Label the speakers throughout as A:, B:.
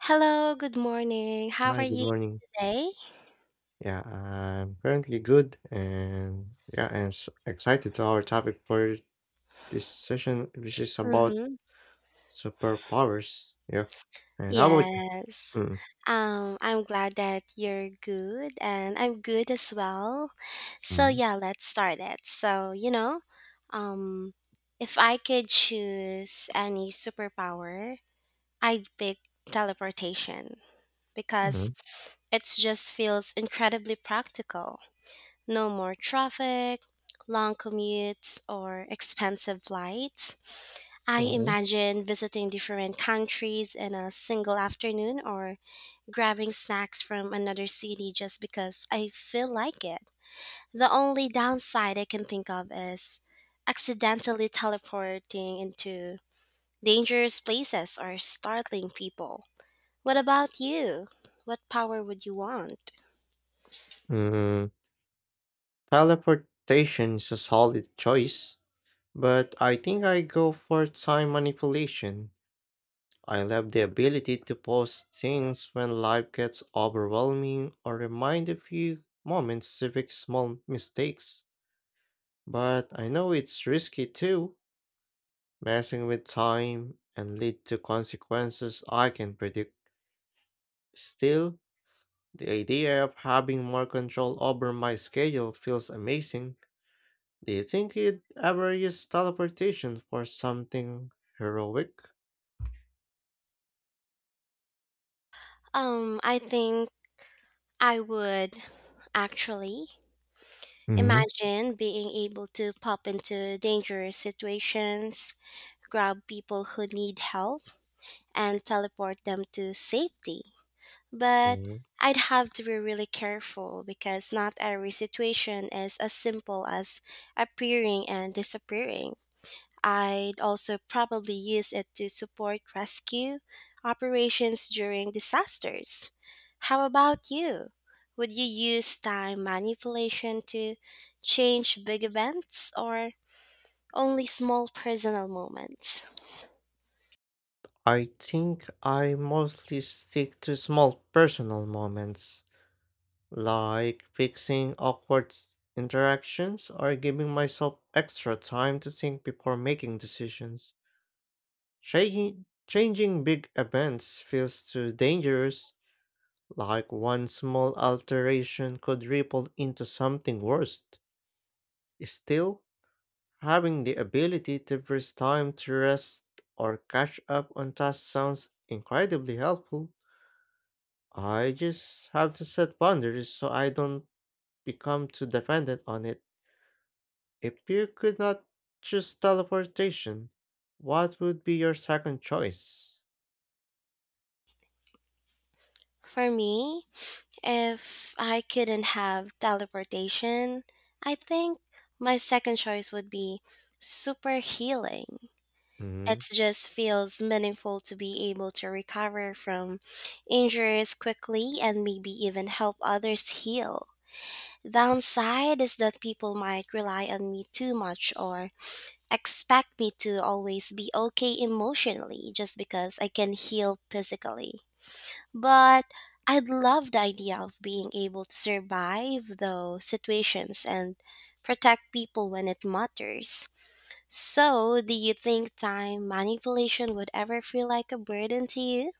A: Hello, good morning. How are
B: Hi, good
A: you
B: morning.
A: today?
B: Yeah, I'm currently good and yeah, excited to our topic for this session, which is about
A: Mm-hmm.
B: superpowers. Yeah. And how about you?
A: Yes.
B: Mm.
A: I'm glad that you're good and I'm good as well. So
B: Mm.
A: yeah, let's start it. Um if I could choose any superpower, I'd pick teleportation because
B: Mm.
A: it just feels incredibly practical. No more traffic, long commutes, or expensive flights. I
B: Mm.
A: imagine visiting different countries in a single afternoon or grabbing snacks from another city just because I feel like it. The only downside I can think of is accidentally teleporting into dangerous places or startling people. What about you? What power would you want?
B: Mm. Teleportation is a solid choice, but I think I go for time manipulation. I love the ability to pause things when life gets overwhelming or remind a few moments to fix small mistakes. But I know it's risky too, messing with time and lead to consequences I can predict. Still, the idea of having more control over my schedule feels amazing. Do you think you'd ever use teleportation for something heroic?
A: I think I would actually
B: Hmm.
A: imagine being able to pop into dangerous situations, grab people who need help, and teleport them to safety. But
B: Mm,
A: I'd have to be really careful because not every situation is as simple as appearing and disappearing. I'd also probably use it to support rescue operations during disasters. How about you? Would you use time manipulation to change big events or only small personal moments?
B: I think I mostly stick to small personal moments, like fixing awkward interactions or giving myself extra time to think before making decisions. Changing big events feels too dangerous, like one small alteration could ripple into something worse. Still, having the ability to freeze time to rest or catch up on tasks sounds incredibly helpful. I just have to set boundaries so I don't become too dependent on it. If you could not choose teleportation, what would be your second choice?
A: For me, if I couldn't have teleportation, I think my second choice would be super healing. It
B: Mm,
A: just feels meaningful to be able to recover from injuries quickly and maybe even help others heal. Downside is that people might rely on me too much or expect me to always be okay emotionally just because I can heal physically. But I'd love the idea of being able to survive those situations and protect people when it matters. So, do you think time manipulation would ever feel like a burden to you?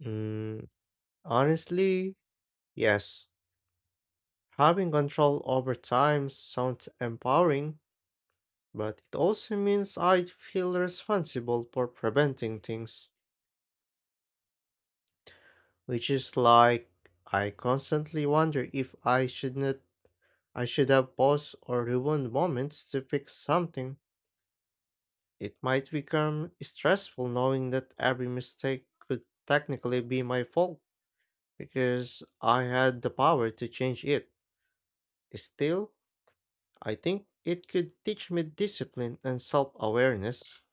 B: mm, honestly, yes. Having control over time sounds empowering, but it also means I feel responsible for preventing things, which is like I constantly wonder if I should not I should have paused or rewound moments to fix something. It might become stressful knowing that every mistake could technically be my fault because I had the power to change it. Still, I think it could teach me discipline and self awareness.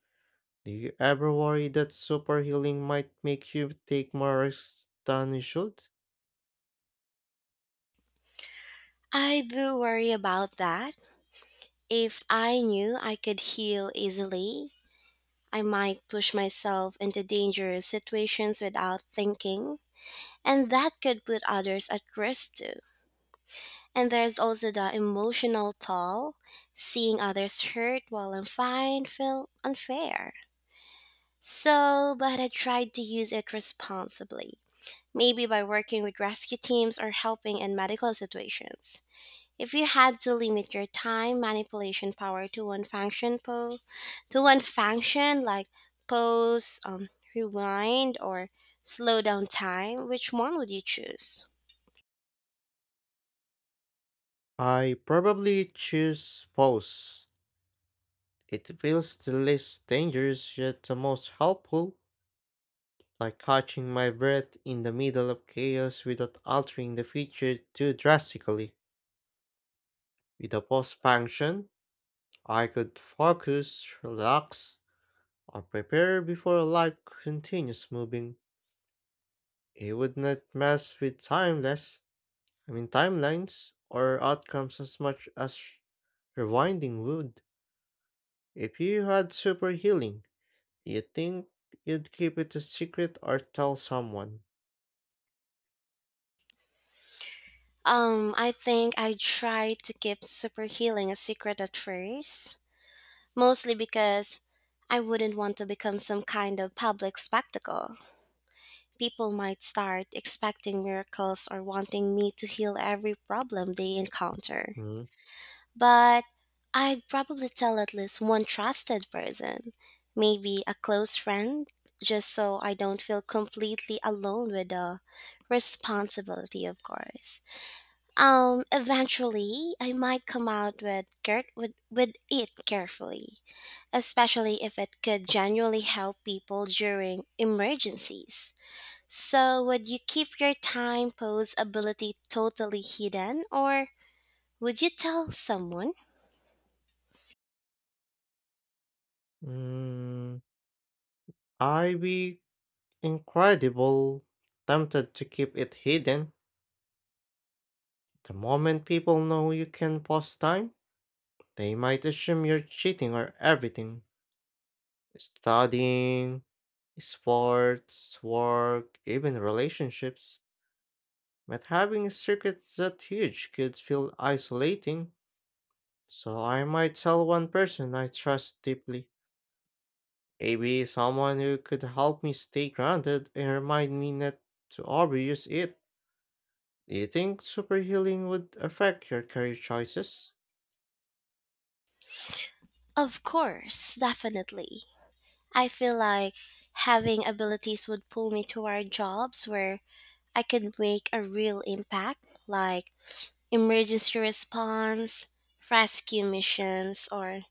B: Do you ever worry that super healing might make you take more risks than you should?
A: I do worry about that. If I knew I could heal easily, I might push myself into dangerous situations without thinking, and that could put others at risk too. And there's also the emotional toll, seeing others hurt while I'm fine feel unfair. So, but I tried to use it responsibly, maybe by working with rescue teams or helping in medical situations. If you had to limit your time manipulation power to one function, to one function like pause, rewind, or slow down time, which one would you choose?
B: I probably choose pose. It feels the least dangerous yet the most helpful, like catching my breath in the middle of chaos without altering the feature too drastically. With a pause function, I could focus, relax, or prepare before life continues moving. It would not mess with timeless, I mean timelines or outcomes as much as rewinding would. If you had super healing, do you think you'd keep it a secret or tell someone?
A: I think I tried to keep super healing a secret at first, mostly because I wouldn't want to become some kind of public spectacle. People might start expecting miracles or wanting me to heal every problem they encounter.
B: Hmm.
A: But I'd probably tell at least one trusted person, maybe a close friend, just so I don't feel completely alone with the responsibility, of course. Eventually, I might come out with Kurt with it carefully, especially if it could genuinely help people during emergencies. So, would you keep your time pose ability totally hidden, or would you tell someone?
B: Mm, I'd be incredible tempted to keep it hidden. The moment people know you can pause time, they might assume you're cheating or everything. Studying, sports, work, even relationships. But having a circuit that huge could feel isolating, so I might tell one person I trust deeply. Maybe someone who could help me stay grounded and remind me not to overuse it. Do you think super healing would affect your career choices?
A: Of course, definitely. I feel like having abilities would pull me toward jobs where I could make a real impact, like emergency response, rescue missions, or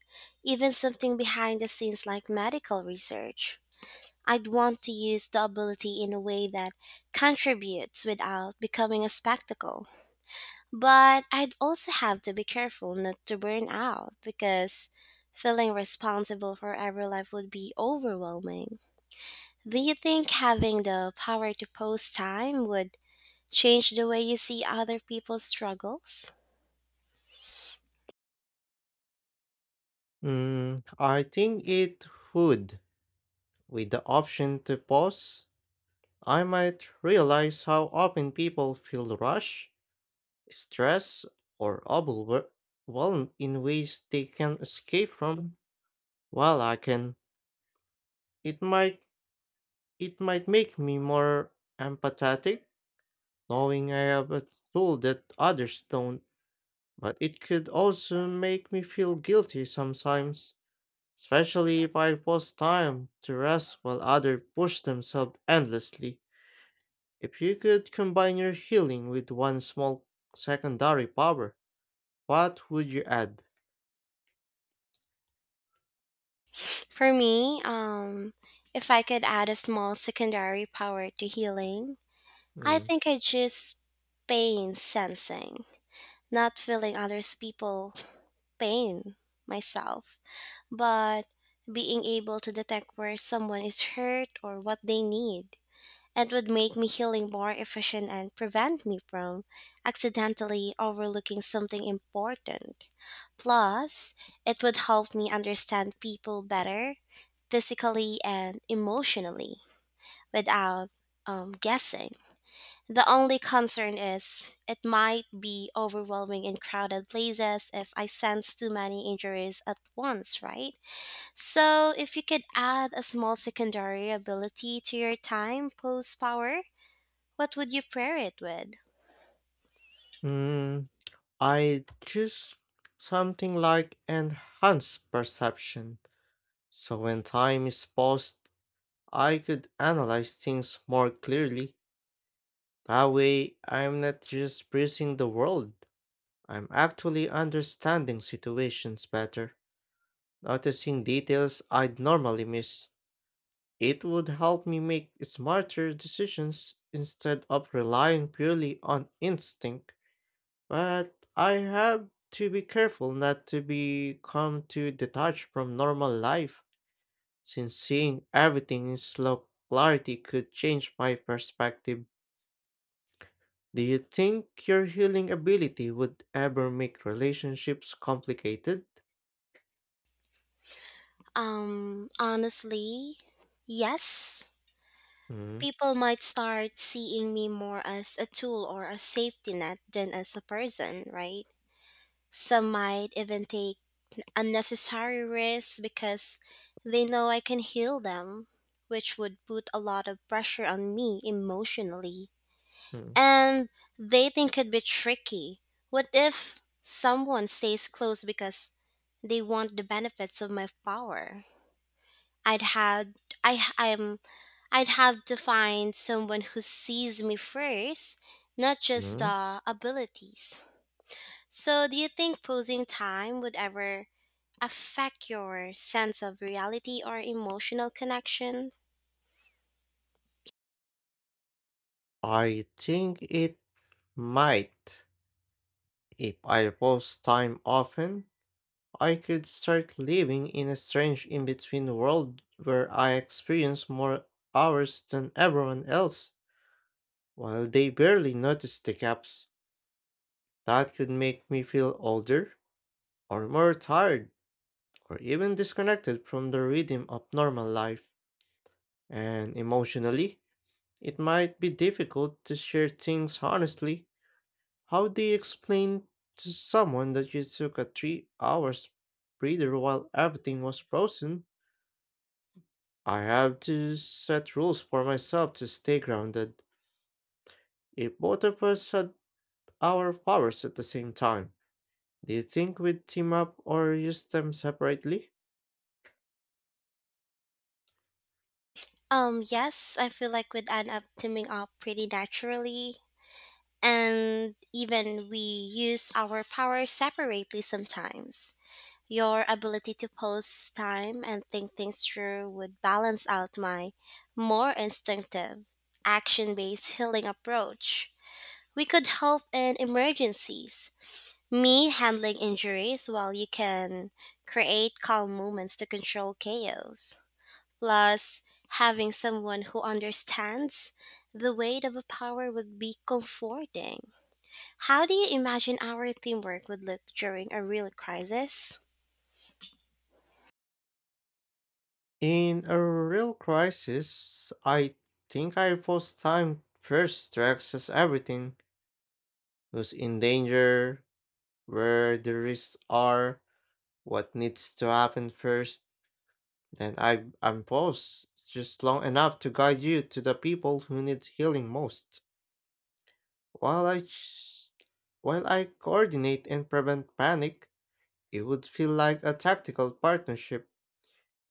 A: even something behind the scenes like medical research. I'd want to use the ability in a way that contributes without becoming a spectacle. But I'd also have to be careful not to burn out because feeling responsible for every life would be overwhelming. Do you think having the power to pause time would change the way you see other people's struggles?
B: I think it would. With the option to pause, I might realize how often people feel rush, stress, or overwhelmed in ways they can escape from. While I can, it might it might make me more empathetic, knowing I have a tool that others don't. But it could also make me feel guilty sometimes, especially if I pause time to rest while others push themselves endlessly. If you could combine your healing with one small secondary power, what would you add?
A: For me, if I could add a small secondary power to healing, I
B: Hmm.
A: think I choose pain sensing, not feeling others people pain myself, but being able to detect where someone is hurt or what they need. It would make me healing more efficient and prevent me from accidentally overlooking something important. Plus, it would help me understand people better, physically and emotionally, without guessing. The only concern is it might be overwhelming in crowded places if I sense too many injuries at once, right? So, if you could add a small secondary ability to your time post power, what would you pair it with?
B: Hmm, I choose something like enhanced perception. So when time is paused, I could analyze things more clearly. That way, I'm not just breezing the world. I'm actually understanding situations better, noticing details I'd normally miss. It would help me make smarter decisions instead of relying purely on instinct. But I have to be careful not to become too detached from normal life, since seeing everything in slow clarity could change my perspective. Do you think your healing ability would ever make relationships complicated?
A: Honestly, yes.
B: Mm,
A: People might start seeing me more as a tool or a safety net than as a person, right? Some might even take unnecessary risks because they know I can heal them, which would put a lot of pressure on me emotionally.
B: mm,
A: And dating could be tricky. What if someone stays close because they want the benefits of my power? I'd had I I'm I'd have to find someone who sees me first, not just
B: mm.
A: the abilities. So, do you think posing time would ever affect your sense of reality or emotional connection?
B: I think it might. If I post time often, I could start living in a strange in between world where I experience more hours than everyone else, while they barely notice the gaps. That could make me feel older, or more tired, or even disconnected from the rhythm of normal life. And emotionally, it might be difficult to share things honestly. How do you explain to someone that you took a 3 hours breather while everything was frozen? I have to set rules for myself to stay grounded. If both of us had our powers at the same time, do you think we'd team up or use them separately?
A: Yes, I feel like we'd end up teaming up pretty naturally, and even we use our power separately sometimes. Your ability to pause time and think things through would balance out my more instinctive, action based healing approach. We could help in emergencies, me handling injuries while you can create calm moments to control chaos. Plus, having someone who understands the weight of a power would be comforting. How do you imagine our teamwork would look during a real crisis?
B: In a real crisis, I think I pause time first to access everything: who's in danger, where the risks are, what needs to happen first. Then I am paused just long enough to guide you to the people who need healing most. While I ch- while I coordinate and prevent panic, it would feel like a tactical partnership.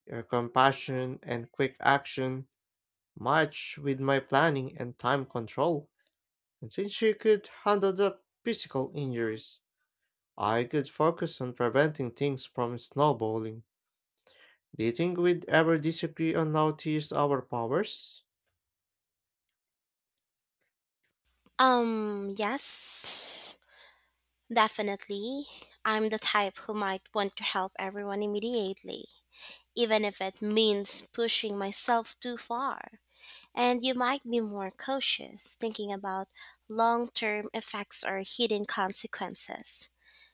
B: Your compassion and quick action match with my planning and time control. And since you could handle the physical injuries, I could focus on preventing things from snowballing. Do you think we'd ever disagree on how to use our powers?
A: Yes, definitely. I'm the type who might want to help everyone immediately, even if it means pushing myself too far. And you might be more cautious, thinking about long term effects or hidden consequences.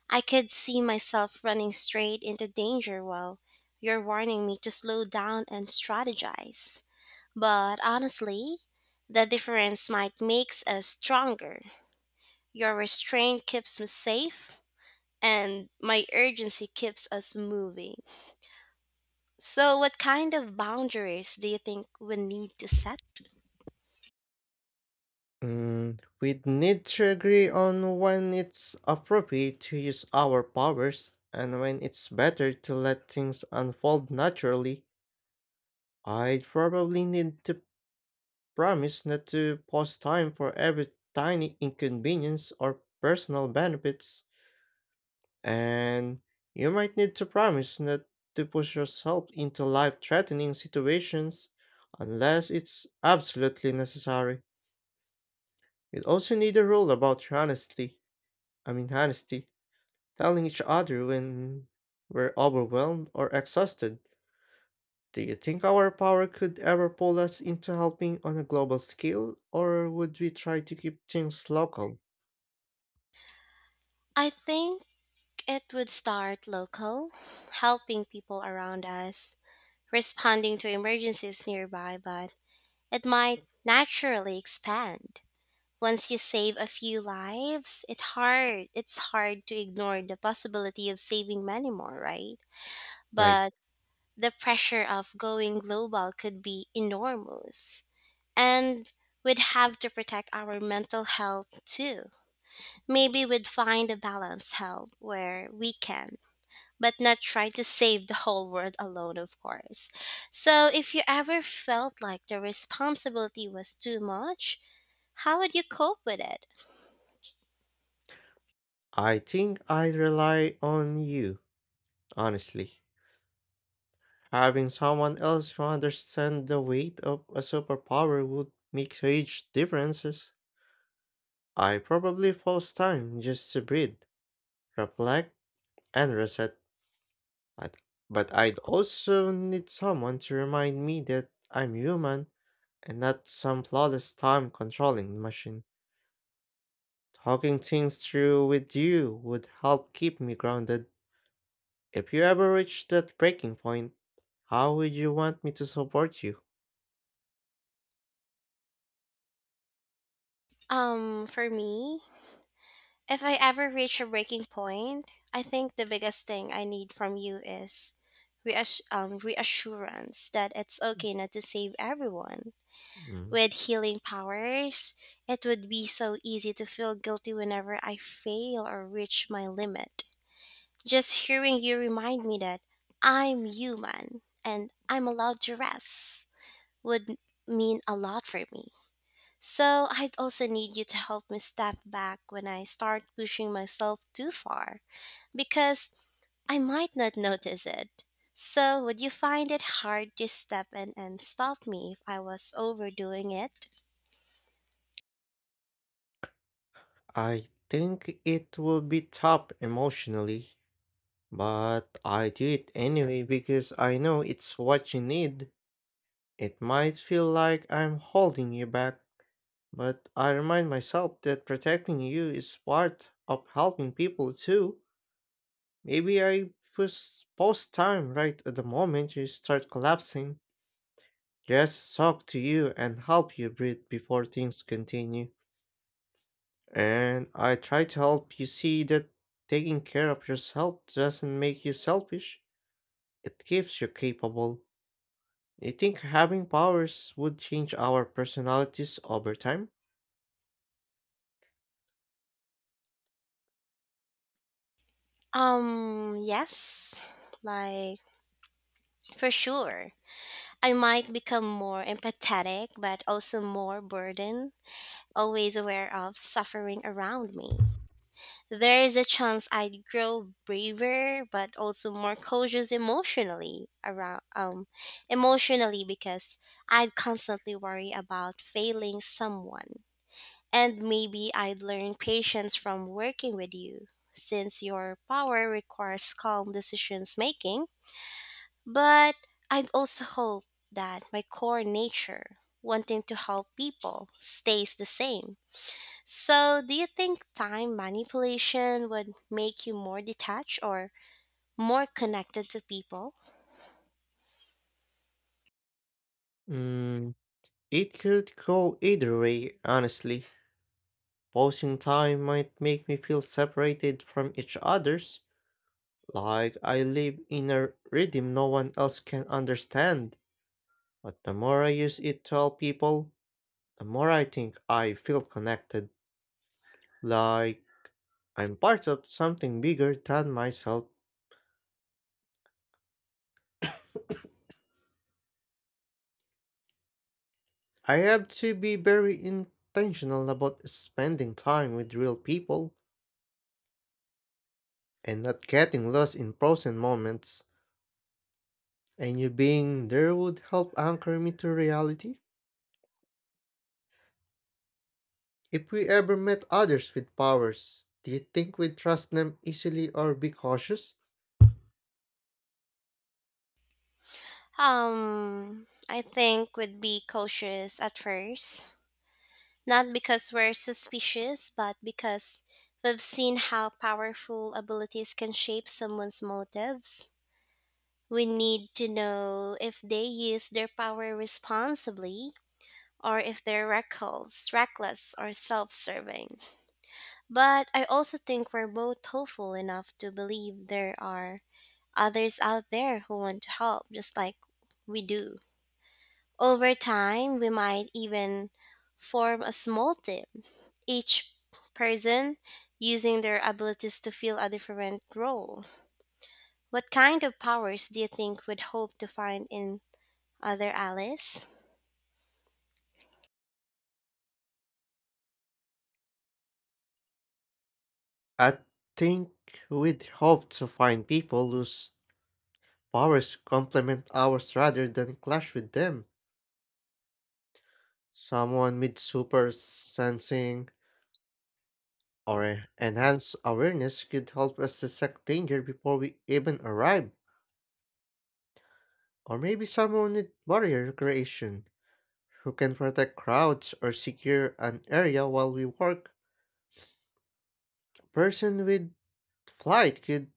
A: I could see myself running straight into danger while you're warning me to slow down and strategize. But honestly, the difference might make us stronger your restraint keeps me safe, and my urgency keeps us moving. So, what kind of boundaries do you think we need to set?
B: We'd need to agree on when it's appropriate to use our powers and when it's better to let things unfold naturally. I'd probably need to promise not to pause time for every tiny inconvenience or personal benefits. And you might need to promise not to push yourself into life threatening situations unless it's absolutely necessary. You'd also need a rule about your honesty, I mean, honesty, telling each other when we're overwhelmed or exhausted. Do you think our power could ever pull us into helping on a global scale, or would we try to keep things local?
A: I think it would start local, helping people around us, responding to emergencies nearby, but it might naturally expand. Once you save a few lives, it's hard to ignore the possibility of saving many more, right?
B: Right.
A: But the pressure of going global could be enormous. And we'd have to protect our mental health too. Maybe we'd find a balanced help where we can, but not try to save the whole world alone, of course. So, if you ever felt like the responsibility was too much, how would you cope with it?
B: I think I'd rely on you, honestly. Having someone else who understands the weight of a superpower would make huge differences. I probably pause time just to breathe, reflect, and reset. But, but I'd also need someone to remind me that I'm human and not some flawless time controlling machine. Talking things through with you would help keep me grounded. If you ever reach that breaking point, how would you want me to support you?
A: For me, if I ever reach a breaking point, I think the biggest thing I need from you is reassurance that it's okay not to save everyone.
B: Mm,
A: With healing powers, it would be so easy to feel guilty whenever I fail or reach my limit. Just hearing you remind me that I'm human and I'm allowed to rest would mean a lot for me. So I'd also need you to help me step back when I start pushing myself too far, because I might not notice it. So would you find it hard to step in and stop me if I was overdoing it?
B: I think it will be tough emotionally, but I do it anyway because I know it's what you need. It might feel like I'm holding you back, but I remind myself that protecting you is part of helping people too. Maybe I post time right at the moment you start collapsing. Just talk to you and help you breathe before things continue. And I try to help you see that taking care of yourself doesn't make you selfish, it keeps you capable. Do you think having powers would change our personalities over time?
A: Yes. Like, for sure. I might become more empathetic, but also more burdened, always aware of suffering around me. There is a chance I'd grow braver, but also more cautious emotionally around emotionally because I'd constantly worry about failing someone. And maybe I'd learn patience from working with you, since your power requires calm decisions making. But I'd also hope that my core nature, wanting to help people, stays the same. So, do you think time manipulation would make you more detached or more connected to people?
B: Mm, it could go either way, honestly. Pausing time might make me feel separated from each others, like I live in a rhythm no one else can understand. But the more I use it to help people, the more I think I feel connected, like I'm part of something bigger than myself. I have to be very intentional about spending time with real people and not getting lost in frozen moments. And you being there would help anchor me to reality. If we ever met others with powers, do you think we'd trust them easily or be cautious?
A: I think would be cautious at first, not because we're suspicious, but because we've seen how powerful abilities can shape someone's motives. We need to know if they use their power responsibly or if they're reckless, or self-serving. But I also think we're both hopeful enough to believe there are others out there who want to help just like we do. Over time, we might even form a small team, each person using their abilities to fill a different role. What kind of powers do you think would hope to find in other allies?
B: I think we'd hope to find people whose powers complement ours rather than clash with them. Someone with super sensing or enhanced awareness could help us detect danger before we even arrive. Or maybe someone with barrier creation who can protect crowds or secure an area while we work. A person with the flight could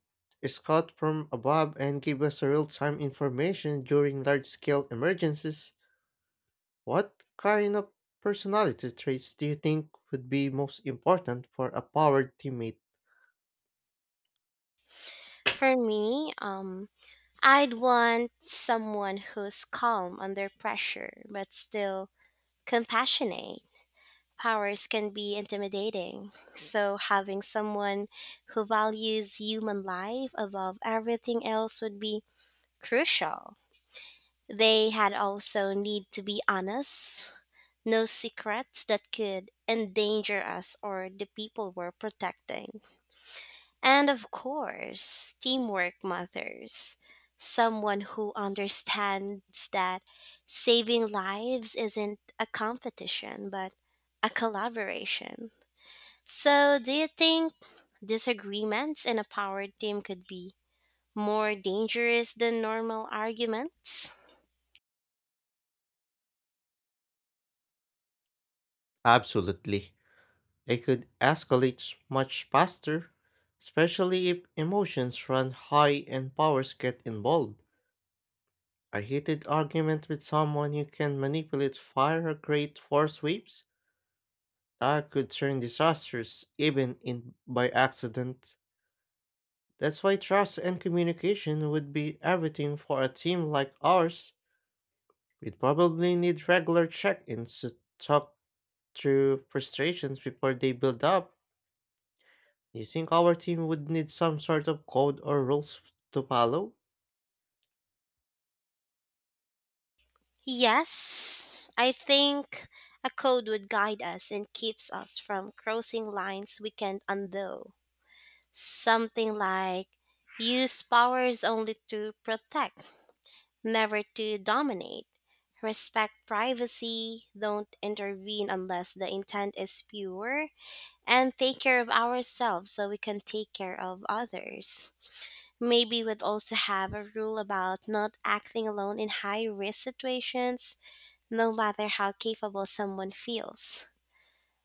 B: scout from above and give us real-time information during large-scale emergencies. What kind of personality traits do you think would be most important for a powered teammate?
A: For me, I'd want someone who's calm under pressure but still compassionate powers can be intimidating. So, having someone who values human life above everything else would be crucial. They had also need to be honest, no secrets that could endanger us or the people we're protecting. And of course, teamwork mothers. Someone who understands that saving lives isn't a competition, but a collaboration. So, do you think disagreements in a power team could be more dangerous than normal arguments?
B: Absolutely. They could escalate much faster, especially if emotions run high and powers get involved. A heated argument with someone you can manipulate fire great force waves I could turn disasters even in by accident. That's why trust and communication would be everything for a team like ours. We'd probably need regular check-ins to talk through frustrations before they build up. Do you think our team would need some sort of code or rules to follow?
A: Yes, I think a code would guide us and keeps us from crossing lines we can't undo. Something like use powers only to protect, never to dominate. Respect privacy, don't intervene unless the intent is pure, and take care of ourselves so we can take care of others. Maybe we'd also have a rule about not acting alone in high risk situations, no matter how capable someone feels.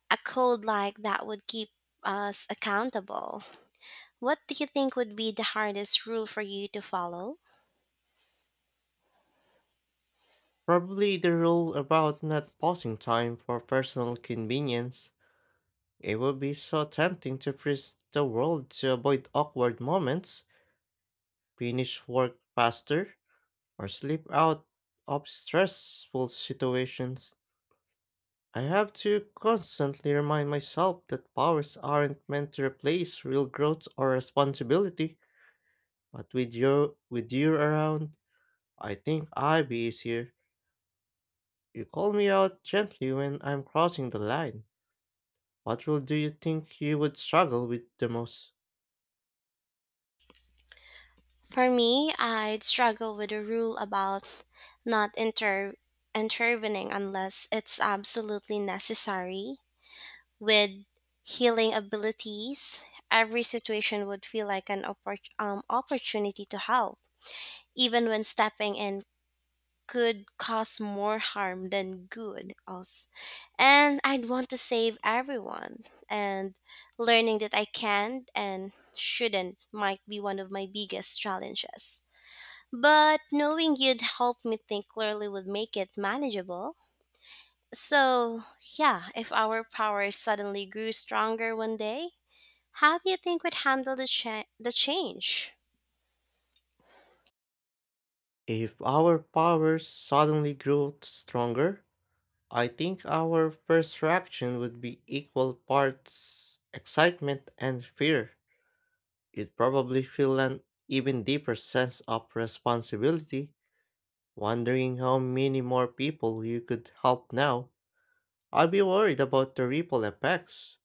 A: A code like that would keep us accountable. What do you think would be the hardest rule for you to follow?
B: Probably the rule about not pausing time for personal convenience. It would be so tempting to freeze the world to avoid awkward moments, finish work faster, or slip out of stressful situations. I have to constantly remind myself that powers aren't meant to replace real growth or responsibility, but with you around, I think I'd be easier. You call me out gently when I'm crossing the line. What role do you think you would struggle with the most?
A: For me, I'd struggle with a rule about not inter- intervening unless it's absolutely necessary. With healing abilities, every situation would feel like an oppor- opportunity to help, even when stepping in could cause more harm than good also, and I'd want to save everyone and learning that I can and shouldn't might be one of my biggest challenges, but knowing you'd help me think clearly would make it manageable. So yeah, if our power suddenly grew stronger one day, how do you think we'd handle the change?
B: If our powers suddenly grew stronger, I think our first reaction would be equal parts excitement and fear. You'd probably feel an even deeper sense of responsibility, wondering how many more people you could help now. I'd be worried about the ripple effects.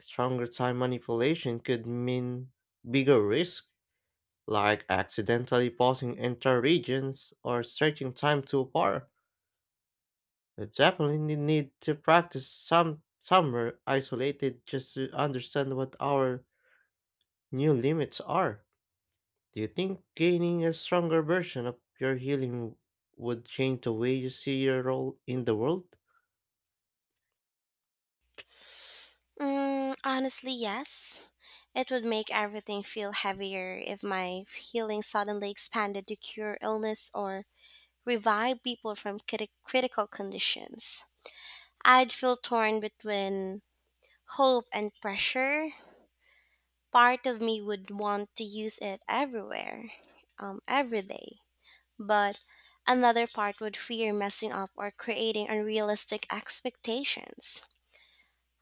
B: Stronger time manipulation could mean bigger risk, like accidentally pausing entire regions or stretching time too far. The chaplain need to practice somewhere isolated just to understand what our new limits are. Do you think gaining a stronger version of your healing would change the way you see your role in the world?
A: Mm, honestly, yes. It would make everything feel heavier if my healing suddenly expanded to cure illness or revive people from critical conditions. I'd feel torn between hope and pressure. Part of me would want to use it everywhere, every day, but another part would fear messing up or creating unrealistic expectations.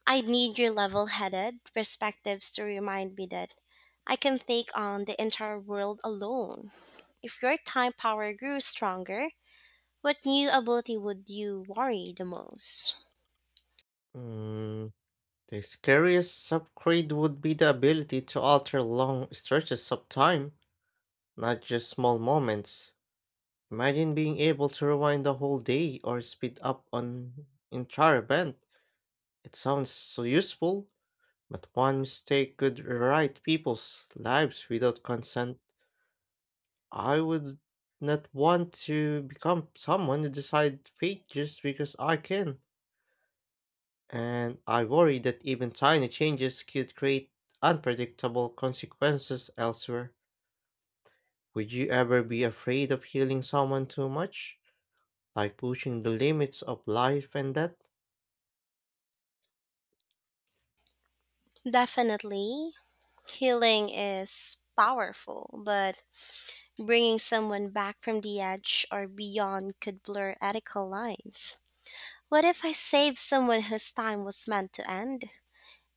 A: I need your level headed perspectives to remind me that I can take on the entire world alone. If your time power grew stronger, what new ability would you worry the most?
B: Mm, the scariest upgrade would be the ability to alter long stretches of time, not just small moments. Imagine being able to rewind the whole day or speed up an entire event. It sounds so useful, but one mistake could rewrite people's lives without consent. I would not want to become someone who decides fate just because I can. And I worry that even tiny changes could create unpredictable consequences elsewhere. Would you ever be afraid of healing someone too much? Like pushing the limits of life and death?
A: Definitely, healing is powerful, but bringing someone back from the edge or beyond could blur ethical lines. What if I saved someone whose time was meant to end?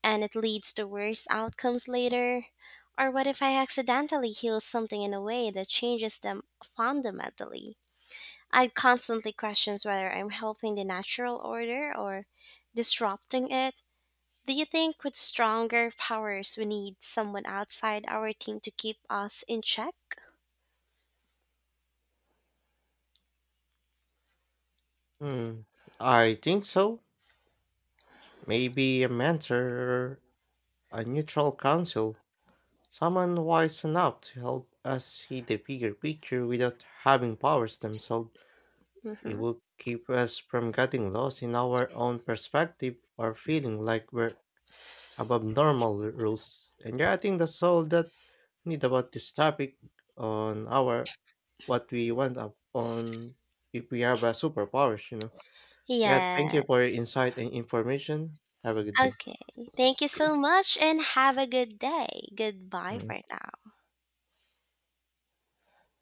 A: And it leads to worse outcomes later? Or what if I accidentally heal something in a way that changes them fundamentally? I constantly question whether I'm helping the natural order or disrupting it. Do you think with stronger powers we need someone outside our team to keep us in check?
B: Hmm, I think so. Maybe a mentor or a neutral counsel. Someone wise enough to help us see the bigger picture without having powers themselves. It
A: Mm-hmm.
B: would keep us from getting lost in our own perspective or feeling like we're above normal rules. And yeah, I think that's all that we need about this topic on our what we want up on if we have a superpowers. Yeah, thank
A: Yeah.
B: you for your insight and information. Have a good day.
A: Okay. Thank you so much and have a good day. Goodbye for
B: Mm.
A: now.